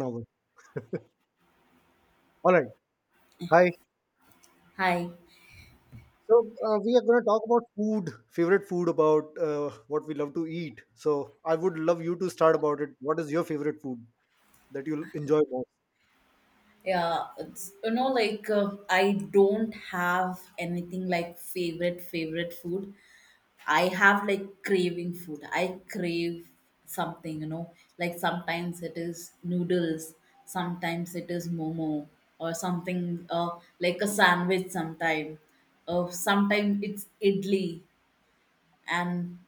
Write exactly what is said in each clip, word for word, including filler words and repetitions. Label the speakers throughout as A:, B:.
A: Novel. All right. Hi.
B: Hi.
A: So uh, we are going to talk about food, favorite food, about uh, what we love to eat. So I would love you to start about it. What is your favorite food that you enjoy
B: Yeah, it's, you know, like uh, I don't have anything like favorite favorite food. I have like craving food. I crave something, you know. Like sometimes it is noodles, sometimes it is momo or something uh, like a sandwich sometime. Uh, sometimes it's idli, and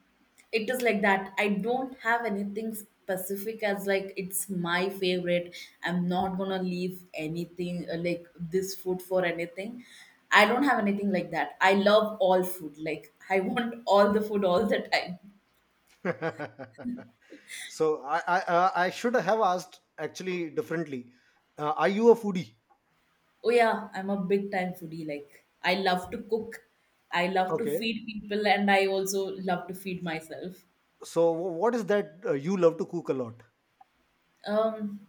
B: it is like that. I don't have anything specific, as like it's my favorite. I'm not gonna leave anything uh, like this food for anything. I don't have anything like that. I love all food, like I want all the food all the time.
A: most? so I, I uh, I should have asked actually differently. Uh, are you a foodie?
B: Oh yeah, I'm a big time foodie. Like I love to cook. I love to
A: Okay.
B: feed people, and I also love to feed myself.
A: So wh- what is that uh, you love to cook a lot?
B: um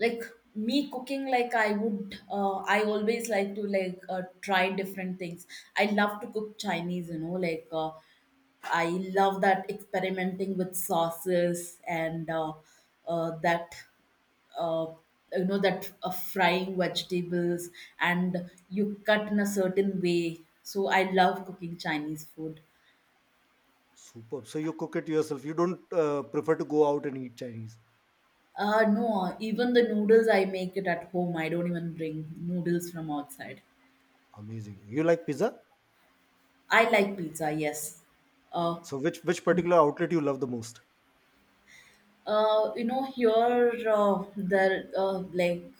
B: like me cooking, like, i would uh, I always like to, like, uh, try different things. I love to cook Chinese. You know, like uh, I love that, experimenting with sauces, and uh, uh, that, uh, you know, that uh, frying vegetables, and you cut in a certain way. So I love cooking Chinese food.
A: Superb. So you cook it yourself. You don't uh, prefer to go out and eat Chinese.
B: Uh no, even the noodles I make it at home. I don't even bring noodles from outside.
A: Amazing. You like pizza?
B: I like pizza, yes. Uh,
A: So which which particular outlet you love the most?
B: uh, you know, here, uh, there, uh, like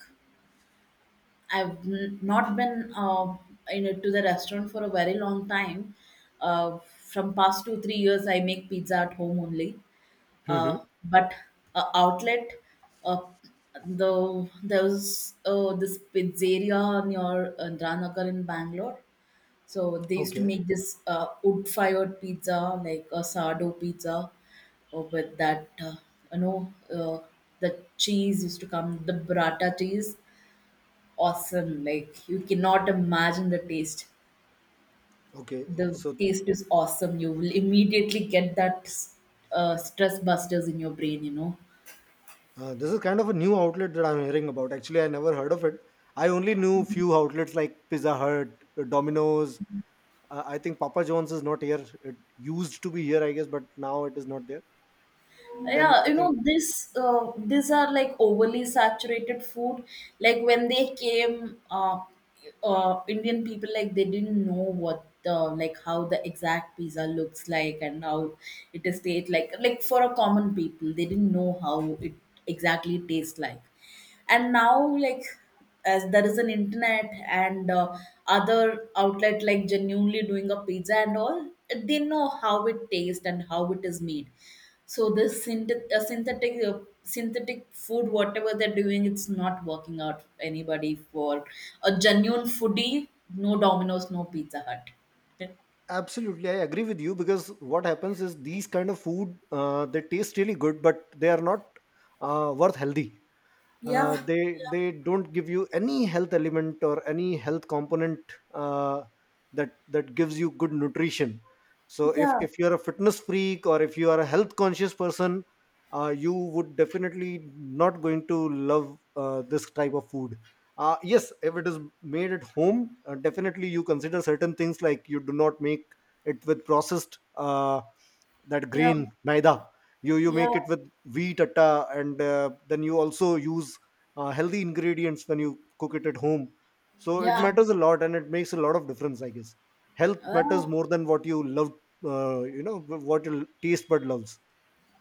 B: I've n- not been, uh, you know, to the restaurant for a very long time. Uh, from past two three years, I make pizza at home only.
A: hmm
B: Uh, but uh, outlet, uh, the there was uh, this pizzeria near uh, Ranagar in Bangalore. So they used to
A: Okay.
B: make this uh, wood-fired pizza, like a sourdough pizza. Oh, but that, uh, you know, uh, the cheese used to come, the burrata cheese, awesome. Like you cannot imagine the taste.
A: Okay,
B: The
A: so
B: taste is awesome. You will immediately get that uh, stress busters in your brain, you know.
A: uh, this is kind of a new outlet that I'm hearing about. Actually, I never heard of it. I only knew few outlets like Pizza Hut, uh, Domino's. Uh, I think Papa John's is not here. It used to be here, I guess, but now it is not there.
B: Yeah,
A: Then I
B: you know,
A: think
B: this, uh, these are like overly saturated food. Like when they came, uh, uh Indian people, like they didn't know what the, like how the exact pizza looks like and how it is taste like like for a common people they didn't know how it exactly tastes like. And now, like, as there is an internet, and uh, other outlet like genuinely doing a pizza and all, they know how it tastes and how it is made. So this synthet- uh, synthetic uh, synthetic food, whatever they're doing, it's not working out anybody. For a genuine foodie, no Domino's, no Pizza Hut.
A: absolutely I agree with you because what happens is these kind of food uh, they taste really good, but they are not uh, worth healthy. uh,
B: Yeah,
A: they they don't give you any health element or any health component uh, that that gives you good nutrition. So if
B: yeah,
A: if you're a fitness freak or if you are a health conscious person, uh, you would definitely not going to love uh, this type of food. Uh, yes, if it is made at home, uh, definitely you consider certain things like you do not make it with processed uh, that
B: yeah,
A: grain maida. You you
B: yeah,
A: make it with wheat atta and uh, then you also use uh, healthy ingredients when you cook it at home. So it
B: yeah.
A: matters a lot and it makes a lot of difference, I guess. Health matters
B: Well,
A: more than what you love, uh, you know, what your taste bud loves.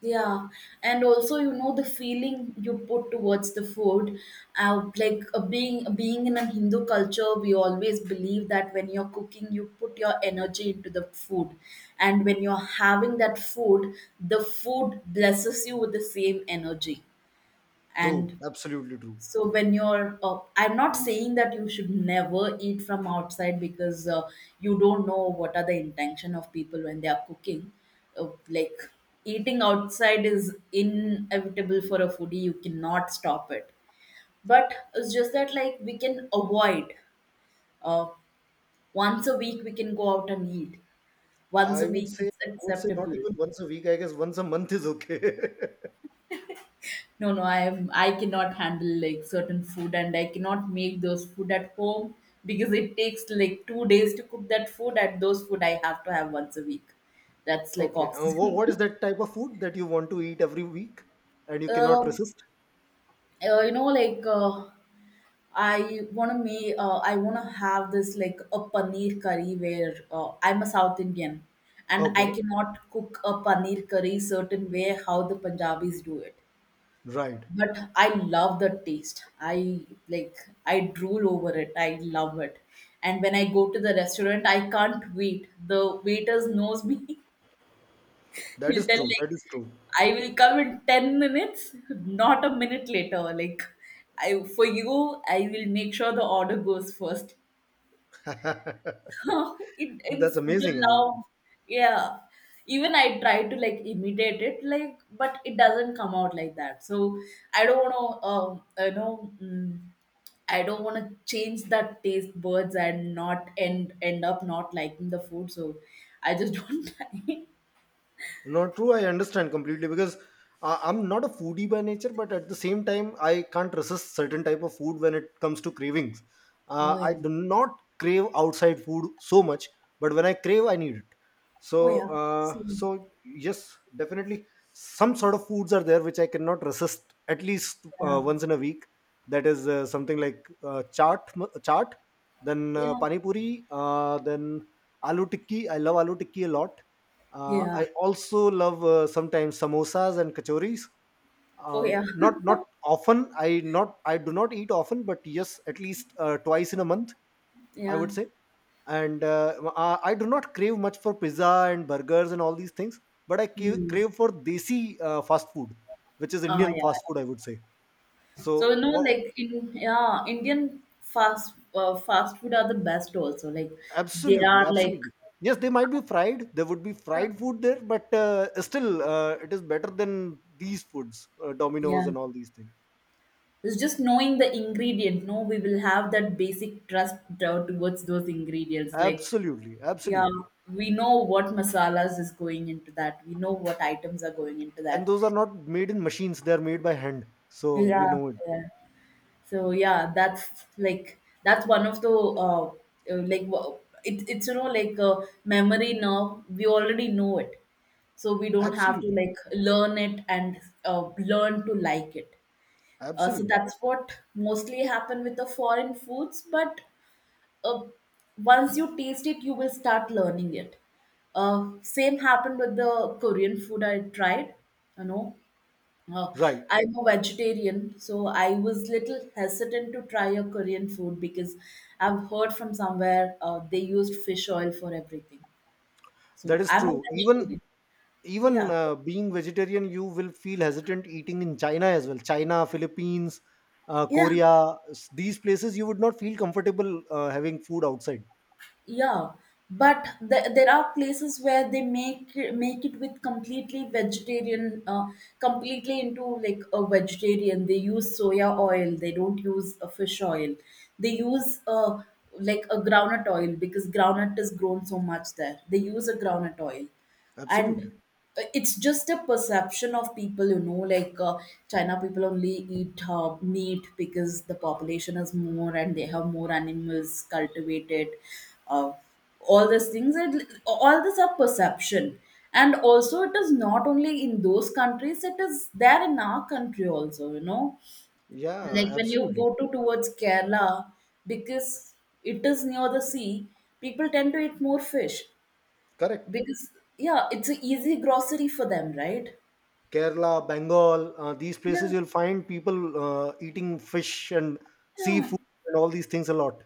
B: yeah, and also you know the feeling you put towards the food, uh, like uh, being being in a Hindu culture, we always believe that when you're cooking, you put your energy into the food, and when you're having that food, the food blesses you with the same energy.
A: true
B: And
A: absolutely true.
B: so when you're, uh, I'm not saying that you should never eat from outside, because uh, you don't know what are the intention of people when they are cooking. Uh, like eating outside is inevitable for a foodie. You cannot stop it. But it's just that, like, we can avoid. Uh, Once a week we can go out and eat. Once
A: i
B: a
A: would
B: week
A: say
B: it's
A: i would say not
B: acceptable.
A: even once a week, I guess. Once a month is okay. Okay,
B: No, no, I I cannot handle like certain food, and I cannot make those food at home because it takes like two days to cook that food, and those food I have to have once a week. That's
A: uh,
B: like
A: wha-
B: oxygen.
A: what is that type of food that you want to eat every week and you cannot
B: Um,
A: resist?
B: uh, you know, like uh, I wanna make uh, I wanna have this like a paneer curry where uh, I'm a South Indian, and I
A: Okay.
B: cannot cook a paneer curry certain way how the Punjabis do it.
A: Right.
B: But I love the taste. I, like, I drool over it. I love it. And when I go to the restaurant, I can't wait. The waiters knows me.
A: that
B: He'll
A: is
B: tell
A: true
B: like,
A: that is
B: I will come in ten minutes, not a minute later. Like, I, for you, I will make sure the order goes first.
A: true
B: it,
A: That's
B: it's the
A: amazing. I mean,
B: love. Yeah, even I try to like imitate it, like, but it doesn't come out like that, so I don't want to, um you know mm, I don't want to change that taste buds and not end end up not liking the food. So I just don't try.
A: not true. I understand completely because I, I'm not a foodie by nature, but at the same time, I can't resist certain type of food when it comes to cravings. Uh,
B: Oh
A: I
B: yeah.
A: do not crave outside food so much, but when I crave, I need it.
B: Oh
A: So,
B: yeah.
A: uh,
B: Same.
A: so yes, definitely, some sort of foods are there which I cannot resist at least uh,
B: Yeah,
A: once in a week. That is uh, something like uh, chaat, m- chaat, then uh,
B: yeah,
A: pani puri, uh, then aloo tikki. I love aloo tikki a lot. Uh,
B: yeah.
A: I also love uh, sometimes samosas and kachoris.
B: Oh
A: Uh,
B: yeah.
A: not not often. I not I do not eat often, but yes, at least uh, twice in a month, I
B: Yeah.
A: would say. And uh, I, I do not crave much for pizza and burgers and all these things, but I ca-
B: Mm.
A: crave for desi uh, fast food, which is
B: Oh
A: Indian
B: yeah.
A: fast food, I would say.
B: So
A: So,
B: you know,
A: wha—
B: like in, yeah, Indian fast uh, fast food are the best also. Like they
A: absolutely,
B: are like,
A: absolutely. Yes, they might be fried. There would be fried food there, but uh, still, uh, it is better than these foods, uh, Domino's
B: yeah,
A: and all these things.
B: it's just knowing the ingredient. No, we will have that basic trust uh, towards those ingredients. Like
A: Absolutely,
B: yeah,
A: absolutely.
B: we know what masalas is going into that. We know what items are going into
A: And
B: that.
A: those are not made in machines; they are made by hand. So we
B: Yeah,
A: know it.
B: yeah. So yeah, that's like, that's one of the, uh, uh, like, wha- it, it's you know, like uh, memory now we already know it, so we don't have to
A: Absolutely,
B: like learn it, and uh, learn to like it. Uh, so
A: absolutely.
B: that's what mostly happen with the foreign foods. But uh, once you taste it, you will start learning it. Uh, same happened with the Korean food I tried. You know, uh,
A: Right.
B: I'm a vegetarian, so I was little hesitant to try a Korean food, because I've heard from somewhere, uh, they used fish oil for everything. So
A: That is
B: I'm a
A: true. Even
B: vegetarian. Yeah.
A: even uh, being vegetarian, you will feel hesitant eating in China as well. China, Philippines, uh,
B: Yeah.
A: Korea, s- these places you would not feel comfortable uh, having food outside.
B: Yeah, but th- there are places where they make make it with completely vegetarian, uh, completely into like a vegetarian. They use soya oil, they don't use a fish oil. They use, uh, like a groundnut oil, because groundnut is grown so much there, they use a groundnut oil. And
A: Absolutely.
B: uh, it's just a perception of people, you know, like, uh, China people only eat uh, meat because the population is more and they have more animals cultivated, uh, all these things, and all this are perception. And also it is not only in those countries, it is there in our country also, you know,
A: Yeah,
B: like when you
A: absolutely.
B: go to towards Kerala, because it is near the sea, people tend to eat more fish,
A: Correct.
B: because, yeah, it's a easy grocery for them, right?
A: Kerala, Bengal, uh, these places
B: Yeah,
A: you'll find people uh, eating fish and
B: yeah,
A: seafood and all these things a lot.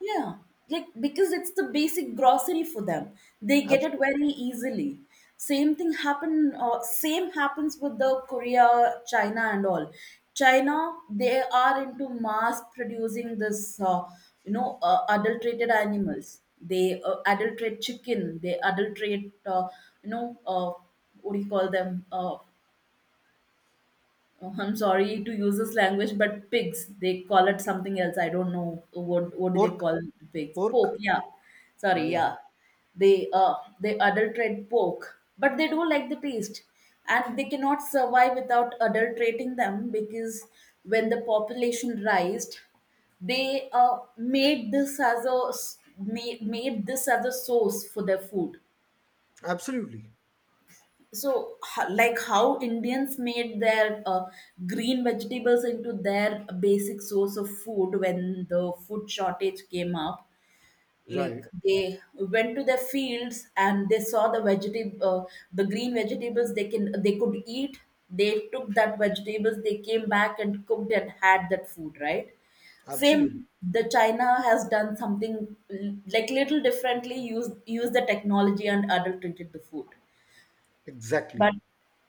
B: yeah. Like because it's the basic grocery for them, they get it
A: Absolutely.
B: very easily. Same thing happen. Uh, same happens with the Korea, China, and all. China, they are into mass producing this, uh, you know, uh, adulterated animals. They uh, adulterate chicken. They adulterate, uh, you know, uh, what do you call them? Uh, Oh, I'm sorry to use this language, but pigs, they call it something else. I don't know what what do they
A: Pork,
B: call pigs?
A: pork.
B: Pork, yeah.
A: Uh,
B: Sorry,
A: yeah,
B: yeah. They uh they adulterate pork, but they do like the taste. And they cannot survive without adulterating them, because when the population rised, they uh made this as a s- ma- made this as a source for their food.
A: absolutely.
B: So, ho- like how Indians made their uh, green vegetables into their basic source of food when the food shortage came up.
A: Right.
B: Like they went to their fields, and they saw the vegetable uh, the green vegetables they can they could eat. They took that vegetables, they came back and cooked and had that food, right? Same.
A: Absolutely.
B: The China has done something l- like little differently. Use use the technology and adulterated the food.
A: Exactly.
B: But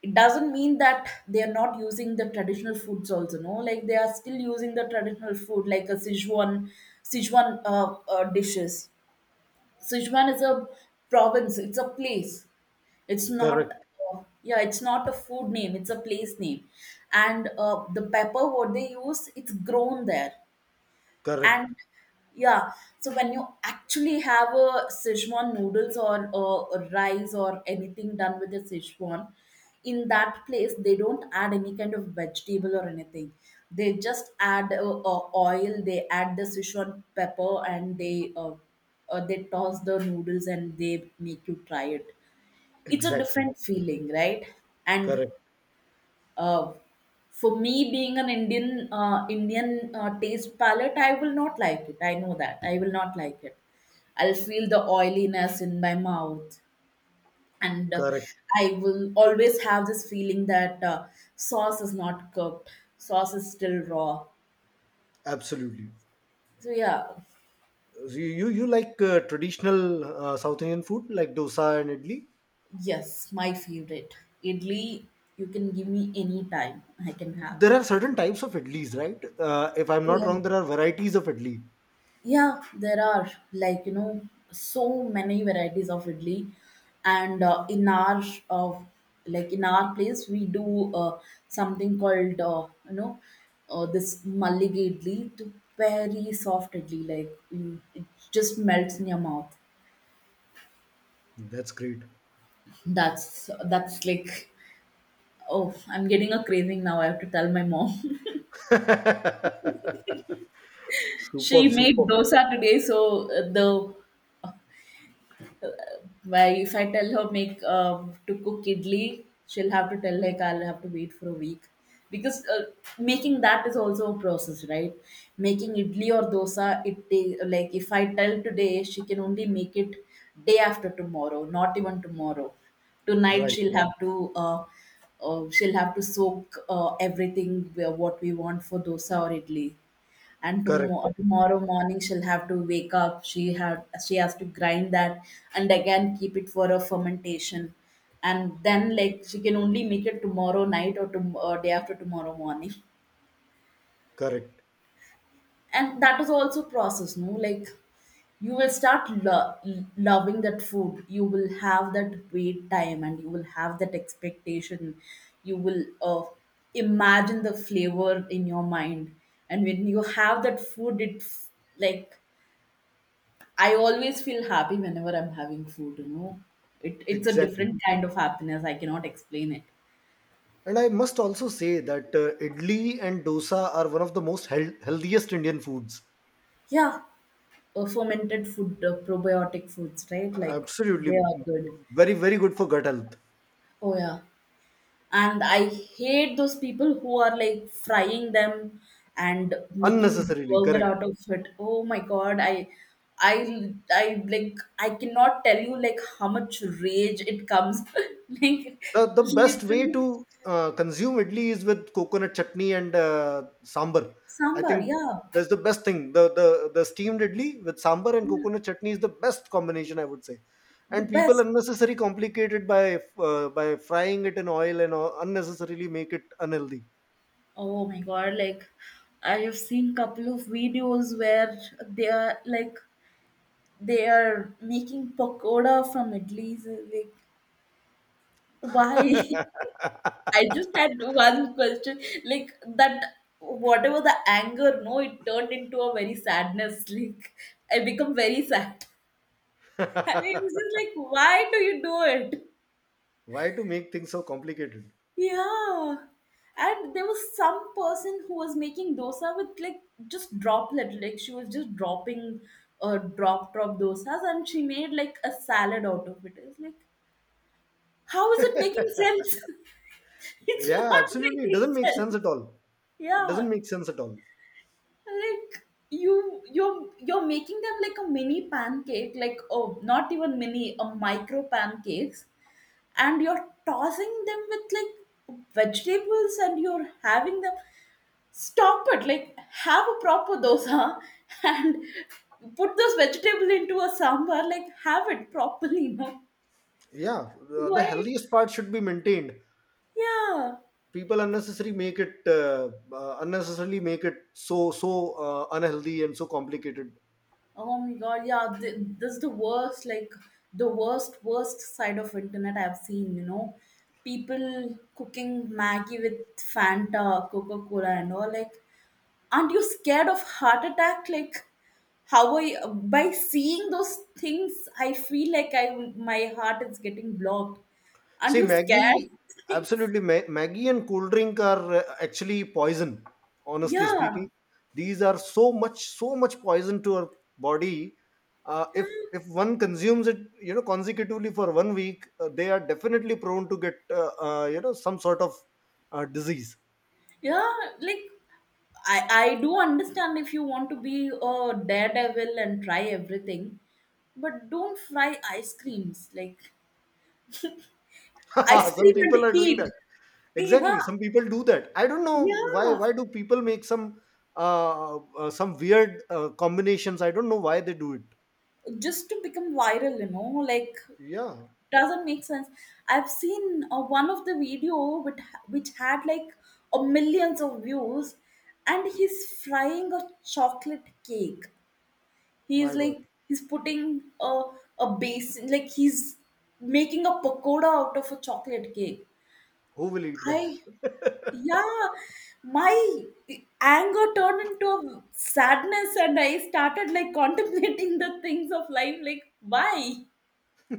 B: it doesn't mean that they are not using the traditional foods also. No, like they are still using the traditional food, like a sichuan sichuan uh, uh, dishes. Sichuan is a province, it's a place. It's not,
A: Correct.
B: uh, yeah, it's not a food name, it's a place name. And uh, the pepper what they use, it's grown there.
A: Correct.
B: And yeah, so when you actually have a Sichuan noodles or uh, a rice or anything done with a Sichuan, in that place they don't add any kind of vegetable or anything. They just add uh, uh, oil, they add the Sichuan pepper, and they uh, uh, they toss the noodles and they make you try it. It's a
A: Exactly.
B: different feeling, right? And
A: Correct.
B: uh, for me, being an Indian, uh, Indian uh, taste palette, I will not like it. I know that I will not like it. I'll feel the oiliness in my mouth, and uh,
A: Correct.
B: I will always have this feeling that uh, sauce is not cooked, sauce is still raw.
A: Absolutely.
B: So yeah,
A: You you, you like uh, traditional uh, South Indian food like dosa and idli?
B: yes, my favorite idli. You can give me any time. I can have.
A: There are certain types of idlis, right? Uh, if I'm not
B: Yeah.
A: wrong, there are varieties of idli.
B: Yeah, there are, like, you know, so many varieties of idli, and uh, in our, uh, like in our place we do uh, something called, uh, you know, uh, this mallige idli, to very soft idli, like you, it just melts in your mouth.
A: That's great.
B: That's that's like, oh, I'm getting a craving now. I have to tell my mom. She
A: Superb,
B: made
A: superb.
B: dosa today, so uh, the where if I tell her make um, to cook idli, she'll have to tell like I'll have to wait for a week, because uh, making that is also a process, right? Making idli or dosa, it ta- like if I tell today, she can only make it day after tomorrow, not even tomorrow. Tonight
A: Right.
B: she'll have to uh, uh, she'll have to soak uh, everything where- what we want for dosa or idli, and
A: Correct,
B: tomo- tomorrow morning she'll have to wake up, she have she has to grind that, and again keep it for a fermentation, and then, like, she can only make it tomorrow night, or, tom- or day after tomorrow morning.
A: correct.
B: And that is also process, no? Like you will start lo- loving that food, you will have that wait time, and you will have that expectation. You will uh, imagine the flavor in your mind, and when you have that food it f- like, I always feel happy whenever I'm having food, you know. It, it's a
A: Exactly.
B: different kind of happiness. I cannot explain it.
A: And I must also say that uh, idli and dosa are one of the most heal- healthiest Indian foods.
B: Yeah, uh, fermented food, uh, probiotic foods, right? Like
A: Absolutely.
B: they are good.
A: Very, very good for gut health.
B: Oh, yeah. And I hate those people who are like frying them and making
A: Unnecessarily,
B: burger
A: correct.
B: out of it. Oh my God, I I I like, I cannot tell you like how much rage it comes. Like
A: the the best way to
B: literally
A: uh, consume idli is with coconut chutney and uh, sambar, I
B: sambar,
A: think.
B: yeah.
A: That's the best thing. The, the the steamed idli with sambar and coconut chutney is the best combination, I would say.
B: The
A: And people
B: best.
A: unnecessarily complicate it by uh, by frying it in oil and uh, unnecessarily make it unhealthy.
B: Oh my god, like, I have seen couple of videos where they are like they are making pakoda from idlis. Like, why? I just had one question. Like that whatever the anger, no, it turned into a very sadness. Like I become very sad. I was just like, why do you do it?
A: Why to make things so complicated?
B: Yeah. And there was some person who was making dosa with like just droplet, like she was just dropping uh, drop drop dosas, and she made like a salad out of it. It's like, how is it making sense? It's
A: Yeah,
B: not
A: absolutely, it
B: making
A: doesn't make
B: sense.
A: sense at all. It
B: Yeah.
A: doesn't make sense at all.
B: Like you you're you're making them like a mini pancake, like, oh, not even mini, a micro pancakes, and you're tossing them with like vegetables and you're having them. Stop it. Like, have a proper dosa and put those vegetable into a sambar. Like, have it properly, no?
A: Yeah, the the
B: Why?
A: healthiest part should be maintained.
B: Yeah.
A: People unnecessarily make it uh, uh, unnecessarily make it so so uh, unhealthy and so complicated.
B: Oh my god, yeah, th- this is the worst, like the worst, worst side of internet I've seen, you know. People cooking Maggie with Fanta, Coca-Cola and all, like, aren't you scared of heart attack? Like, how I by seeing those things I feel like I my heart is getting blocked. Aren't
A: See
B: you scared?
A: maggie— absolutely, ma- maggie and cold drink are uh, actually poison, honestly speaking.
B: Yeah,
A: These are so much, so much poison to our body. Uh, if if one consumes it, you know, consecutively for one week, uh, they are definitely prone to get uh, uh, you know, some sort of uh, disease.
B: yeah, like, i i do understand if you want to be a daredevil and try everything, but don't fry ice creams. Like, ice
A: Some
B: cream
A: people
B: and
A: are doing
B: heat.
A: that.
B: Yeah,
A: Exactly, some people do that. I don't know why—
B: yeah,
A: why do people make some uh, uh some weird uh, combinations? I don't know why they do it.
B: just to become viral, you know, like
A: Yeah.
B: doesn't make sense. I've seen uh, one of the video which, which had like a millions of views, and he's frying a chocolate cake.
A: My
B: He's
A: god.
B: like, he's putting a, a basin, like he's making a pakoda out of a chocolate cake.
A: Who will eat that?
B: I Yeah, my anger turned into sadness, and I started like contemplating the things of life, like, why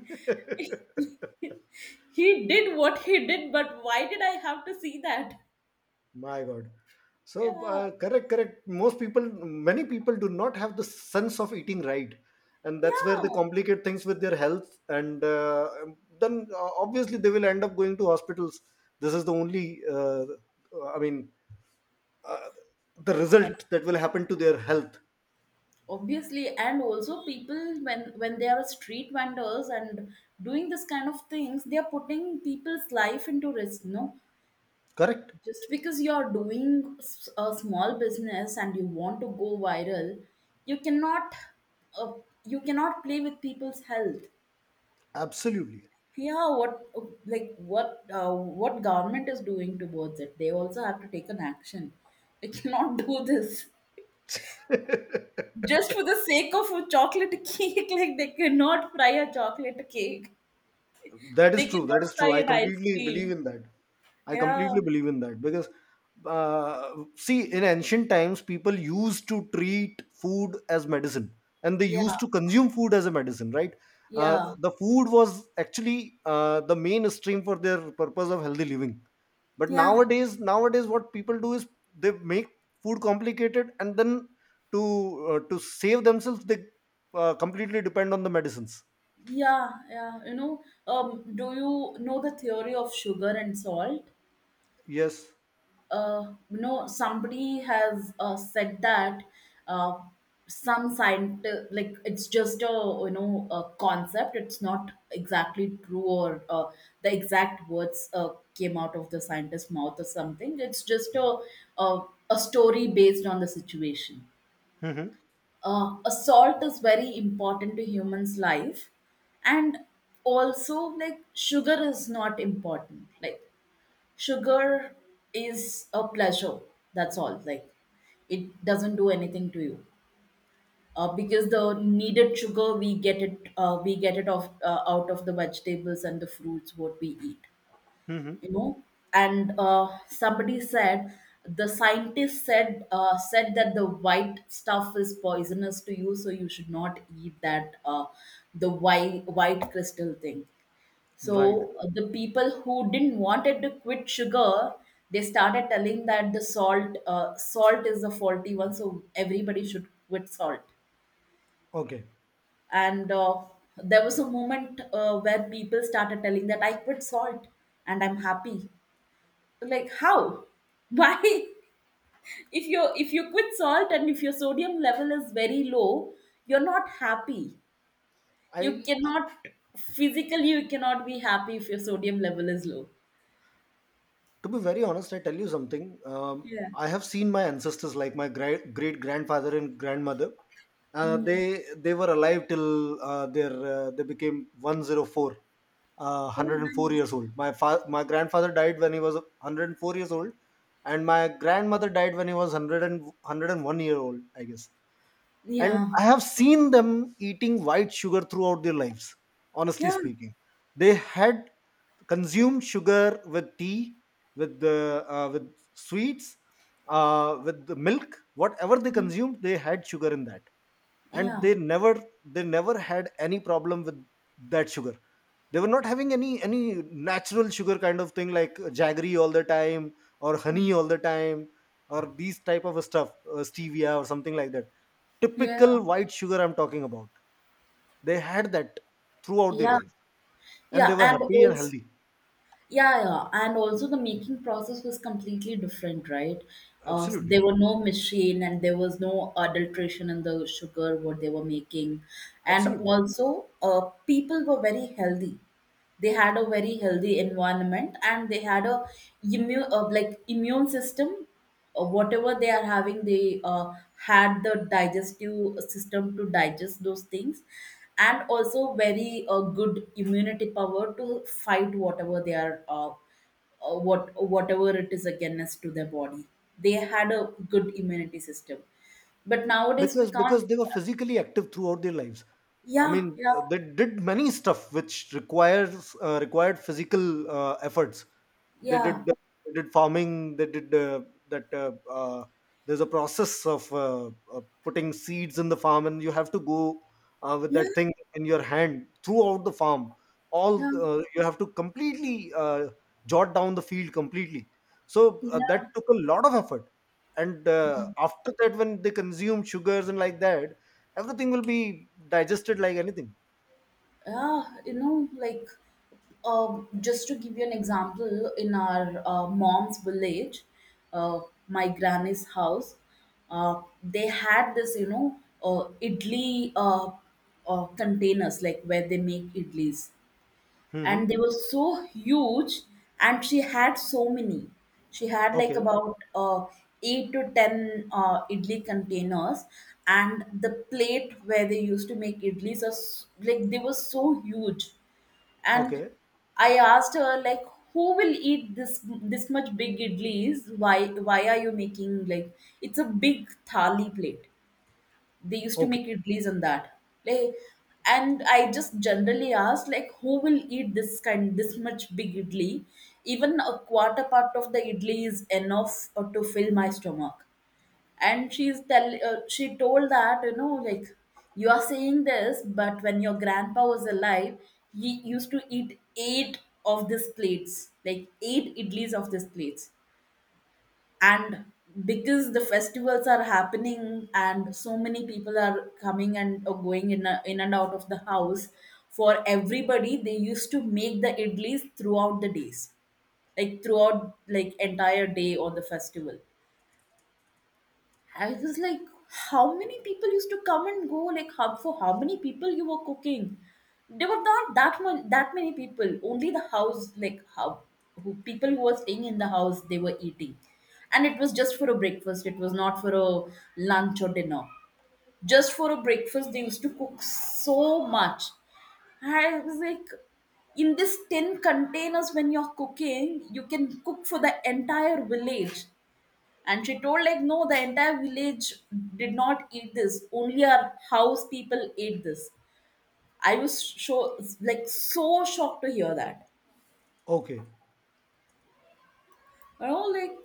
B: he did what he did, but why did I have to see that?
A: My god. So,
B: Yeah.
A: uh, correct, correct, most people— many people do not have the sense of eating right, and that's where they
B: Yeah.
A: complicate things with their health. And uh, then uh, obviously they will end up going to hospitals. This is the only uh, I mean, uh, the result
B: Obs-
A: that will happen to their health.
B: Obviously, and also people, when when they are street vendors and doing this kind of things, they are putting people's life into risk, no?
A: Correct.
B: Just because you are doing s- a small business and you want to go viral, you cannot uh, you cannot play with people's health.
A: Absolutely.
B: Yeah, what like what uh, what government is doing towards it? They also have to take an action. They cannot do this just for the sake of a chocolate cake. Like they cannot fry a chocolate cake.
A: That
B: They
A: is true. That is
B: cannot fry
A: true. I
B: an ice
A: completely believe
B: cream.
A: in that. I
B: Yeah,
A: completely believe in that because, uh, see, in ancient times, people used to treat food as medicine and they
B: yeah,
A: used to consume food as a medicine, right? Uh,
B: yeah,
A: the food was actually uh, the main stream for their purpose of healthy living. But
B: yeah,
A: nowadays, nowadays, what people do is they make food complicated, and then to uh, to save themselves, they uh, completely depend on the medicines.
B: yeah, yeah. You know, um, do you know the theory of sugar and salt?
A: Yes.
B: Uh, you know, somebody has uh, said that uh, some scient like, it's just a, you know, a concept, it's not exactly true, or uh, the exact words uh, came out of the scientist's mouth or something, it's just a a, a story based on the situation.
A: Mm-hmm.
B: Uh, assault is very important to humans life, and also like sugar is not important. Like, sugar is a pleasure. That's all. Like, it doesn't do anything to you. Uh, because the needed sugar we get it uh, we get it off uh, out of the vegetables and the fruits what we eat,
A: Mm-hmm.
B: you know. And uh, somebody said, the scientist said uh, said that the white stuff is poisonous to you, so you should not eat that, uh, the white white crystal thing. So
A: Right.
B: uh, the people who didn't wanted to quit sugar, they started telling that the salt, uh, salt is the faulty one, so everybody should quit salt.
A: Okay.
B: And uh, there was a moment uh, where people started telling that I quit salt and I'm happy, like, how why, if you if you quit salt and if your sodium level is very low, you're not happy, you
A: I,
B: cannot, physically you cannot be happy if your sodium level is low.
A: to be very honest, I tell you something. Um,
B: Yeah.
A: I have seen my ancestors, like my great great grandfather and grandmother. Uh,
B: Mhm.
A: they they were alive till uh, their uh, they became one hundred four, uh,
B: Oh,
A: one hundred four
B: nice.
A: years old. My fa- my grandfather died when he was one hundred four years old, and my grandmother died when he was one hundred year old, I guess. And
B: Yeah,
A: I have seen them eating white sugar throughout their lives, honestly
B: yeah,
A: speaking. They had consumed sugar with tea, with the uh, with sweets, uh, with the milk. Whatever they consumed, they had sugar in that. And
B: yeah,
A: they never they never had any problem with that sugar. They were not having any any natural sugar kind of thing like jaggery all the time, or honey all the time, or these type of stuff, uh, stevia or something like that.
B: yeah,
A: Typical white sugar I'm talking about. They had that throughout their
B: yeah,
A: life and
B: yeah,
A: they were
B: and
A: happy and
B: also
A: healthy.
B: yeah, yeah, and also the making process was completely different, right? Uh, there were
A: Absolutely.
B: no machine and there was no adulteration in the sugar what they were making, and
A: Absolutely.
B: also uh, people were very healthy. They had a very healthy environment, and they had a immune uh, like immune system. Uh, whatever they are having, they uh, had the digestive system to digest those things, and also very uh, good immunity power to fight whatever they are uh, uh, what whatever it is against to their body. They had a good immunity system, but nowadays we
A: because
B: can't
A: because
B: do
A: they were
B: that.
A: physically active throughout their lives. I
B: Yeah,
A: mean,
B: yeah,
A: uh, they did many stuff which requires uh, required physical uh, efforts. they
B: yeah,
A: did uh, they did farming, they did uh, that uh, uh, there's a process of uh, uh, putting seeds in the farm, and you have to go uh, with
B: yeah,
A: that thing in your hand throughout the farm. All,
B: yeah,
A: uh, you have to completely uh, jot down the field completely. So uh, that took a lot of effort. And
B: yeah.
A: uh, after that when they consume sugars and like that, everything will be digested like anything.
B: Yeah, you know, like, um, just to give you an example, in our uh, mom's village, uh, my granny's house, uh, they had this, you know, uh, idli uh, uh, containers, like where they make idlis,
A: Mm-hmm.
B: and they were so huge, and she had so many. She had like
A: Okay.
B: about uh, eight to ten uh, idli containers, and the plate where they used to make idlis are s- like, they were so huge. And
A: Okay.
B: I asked her like, who will eat this, this much big idlis, why why are you making? Like, it's a big thali plate, they used to
A: Okay.
B: make idlis on that. Like, and I just generally asked like, who will eat this kind, this much big idli? Even a quarter part of the idli is enough uh, to fill my stomach. And she's tell uh, she told that, you know, like, you are saying this, but when your grandpa was alive, he used to eat eight of these plates. Like, eight idlis of these plates. And because the festivals are happening and so many people are coming and or going in, a, in and out of the house, for everybody they used to make the idlis throughout the days, like throughout like entire day on the festival. I was like, how many people used to come and go? Like, how, for how many people you were cooking? There were not that much, that many people. Only the house, like how, who, people who were staying in the house, they were eating, and it was just for a breakfast. It was not for a lunch or dinner. Just for a breakfast, they used to cook so much. I was like, in this tin containers, when you're cooking, you can cook for the entire village. And she told, like, no, the entire village did not eat this, only our house people ate this. I was, so like, so shocked to hear that.
A: Okay.
B: You know, like,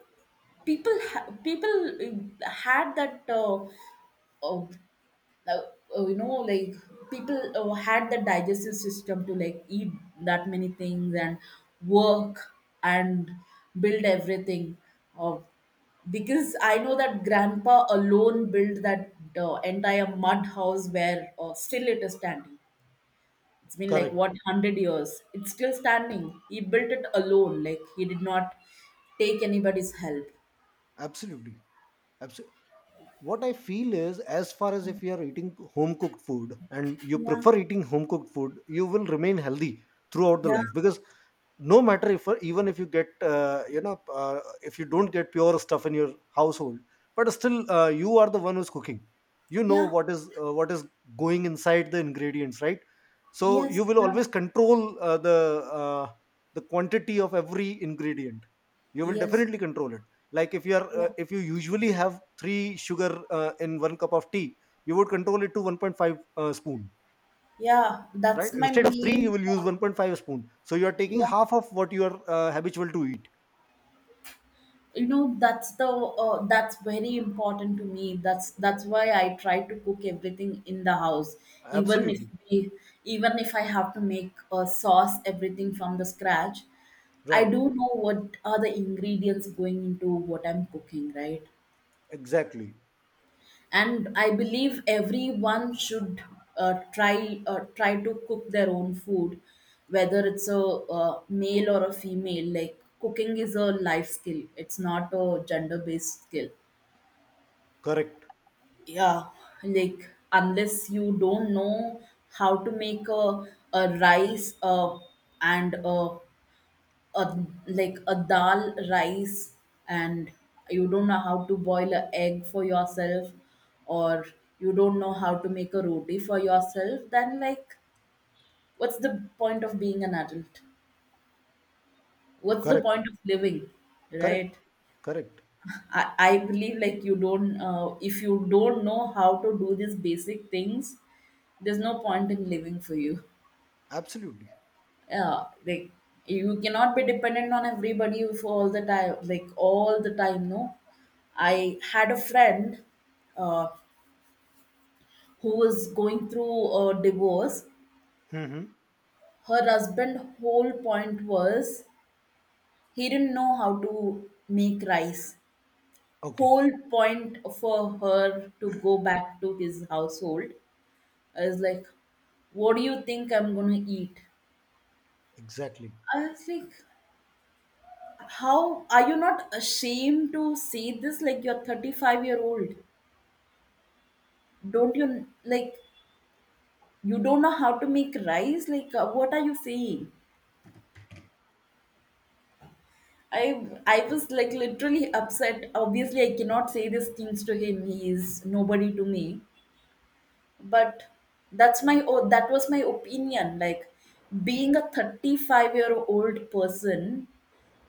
B: people ha- people uh, had that uh, uh, now uh, you know, like people uh, had the digestive system to like eat that many things, and work, and build everything. Uh, because I know that grandpa alone built that uh, entire mud house where uh, still it is standing. It's been like,
A: Correct.
B: what, hundred years? It's still standing. He built it alone, like he did not take anybody's help.
A: Absolutely. Absolutely. What I feel is, as far as if you are eating home cooked food and you
B: Yeah,
A: prefer eating home cooked food, you will remain healthy throughout the
B: yeah,
A: life because no matter— if even if you get uh, you know, uh, if you don't get pure stuff in your household, but still uh, you are the one who's cooking. You know
B: yeah,
A: what is uh, what is going inside the ingredients, right? So you
B: yes,
A: will
B: yeah,
A: always control uh, the uh, the quantity of every ingredient. You will
B: yes,
A: definitely control it, like if you are uh,
B: yeah.
A: if you usually have three sugar uh, in one cup of tea, you would control it to one point five uh, spoon.
B: Yeah,
A: Right,
B: that's my
A: instead of three you
B: main
A: will use
B: point.
A: one point five spoon, so you are taking
B: Yeah,
A: half of what you are uh, habitual to eat.
B: you know, that's the uh, that's very important to me. That's that's why I try to cook everything in the house, even if
A: Absolutely.
B: we, even if I have to make a sauce, everything from the scratch. I
A: Right.
B: do know what are the ingredients going into what I'm cooking, right?
A: Exactly.
B: And I believe everyone should uh, try uh, try to cook their own food, whether it's a uh, male or a female. Like, cooking is a life skill, it's not a gender based skill.
A: Correct.
B: Yeah, like, unless you don't know how to make a, a rice uh, and a a like a dal rice, and you don't know how to boil a egg for yourself, or you don't know how to make a roti for yourself, then like, what's the point of being an adult, what's the
A: Correct.
B: point of living,
A: Correct.
B: right?
A: Correct.
B: I, I believe like, you don't uh, if you don't know how to do these basic things, there's no point in living for you.
A: Absolutely.
B: Yeah, like, you cannot be dependent on everybody for all the time, like, all the time, no. I had a friend uh, who was going through a divorce.
A: Hmm.
B: Her husband whole point was, he didn't know how to make rice.
A: Okay.
B: Whole point for her to go back to his household is like, what do you think I'm going to eat?
A: Exactly.
B: I was like, how are you not ashamed to say this? Like, you're thirty-five year old. Don't you like, you don't know how to make rice? Like, uh, what are you saying? I I was like, literally upset. Obviously, I cannot say these things to him. He is nobody to me. But that's my, oh, that was my opinion. Like, being a thirty-five year old person,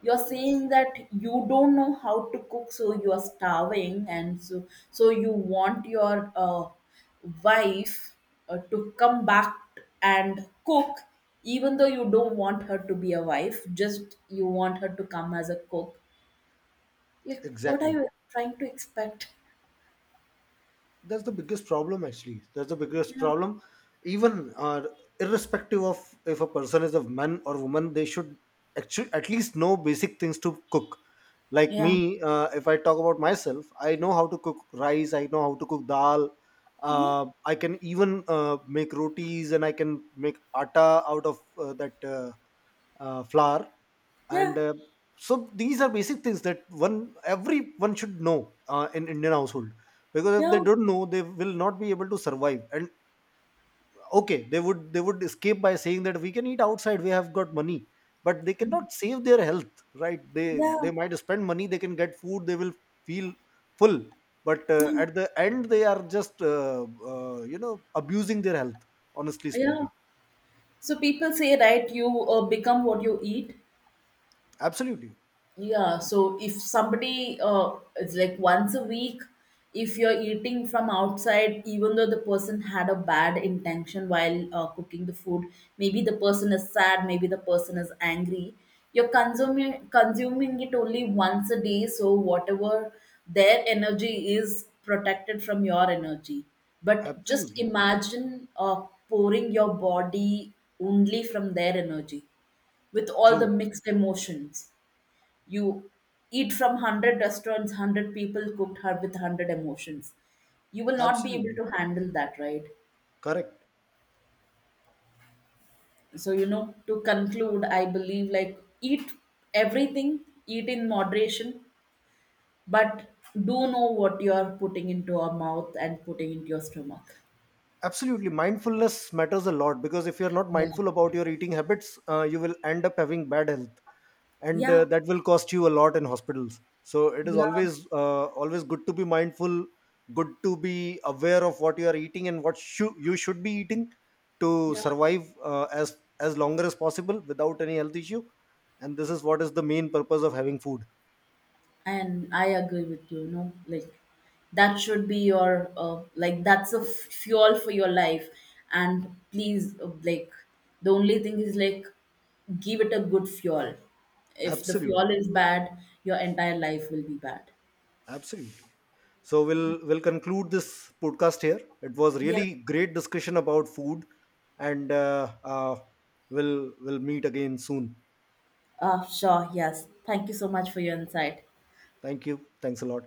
B: you're saying that you don't know how to cook, so you are starving, and so so you want your uh, wife uh, to come back and cook, even though you don't want her to be a wife, just you want her to come as a cook. Like, what are
A: Exactly.
B: you trying to expect?
A: That's the biggest problem, actually. That's the biggest problem. Even uh, irrespective of if a person is a man or woman, they should actually at least know basic things to cook. Like
B: Yeah,
A: me, uh, if I talk about myself, I know how to cook rice, I know how to cook dal,
B: yeah,
A: uh, I can even uh, make rotis, and I can make atta out of uh, that uh, uh, flour.
B: yeah,
A: And uh, so these are basic things that one— every one should know, uh, in indian household, because if they
B: yeah,
A: don't know, they will not be able to survive. And okay, they would— they would escape by saying that we can eat outside, we have got money, but they cannot save their health, right? They
B: yeah,
A: they might spend money, they can get food, they will feel full, but uh,
B: yeah,
A: at the end they are just uh, uh, you know, abusing their health, honestly
B: yeah.
A: speaking.
B: So people say, right, you uh, become what you eat.
A: Absolutely.
B: Yeah, so if somebody uh, it's like once a week, if you're eating from outside, even though the person had a bad intention while uh, cooking the food, maybe the person is sad, maybe the person is angry, you're consuming consuming it only once a day, so whatever, their energy is protected from your energy. But just
A: Absolutely
B: imagine uh, pouring your body only from their energy, with all the
A: true.
B: mixed emotions, you eat from hundred restaurants, hundred people cooked her with hundred emotions, you will not be able
A: Absolutely.
B: to handle that, right?
A: Correct.
B: So, you know, to conclude, I believe like, eat everything, eat in moderation, but do know what you are putting into your mouth and putting into your stomach.
A: Absolutely. Mindfulness matters a lot, because if you're not
B: Yeah,
A: mindful about your eating habits, uh, you will end up having bad health, and
B: yeah,
A: uh, that will cost you a lot in hospitals. So it is
B: yeah,
A: always uh, always good to be mindful, good to be aware of what you are eating and what shou- you should be eating, to
B: yeah.
A: survive uh, as as longer as possible without any health issue. And this is what is the main purpose of having food.
B: And I agree with you, you know, like, that should be your, uh, like, that's a f- fuel for your life. And please, uh, like, the only thing is like, give it a good fuel. If the fuel
A: Absolutely.
B: is bad, your entire life will be bad.
A: Absolutely. So we'll we'll conclude this podcast here. It was
B: Yeah.
A: really great discussion about food, and uh, uh, we'll we'll meet again soon.
B: Uh, sure, yes. Thank you so much for your insight.
A: Thank you. Thanks a lot.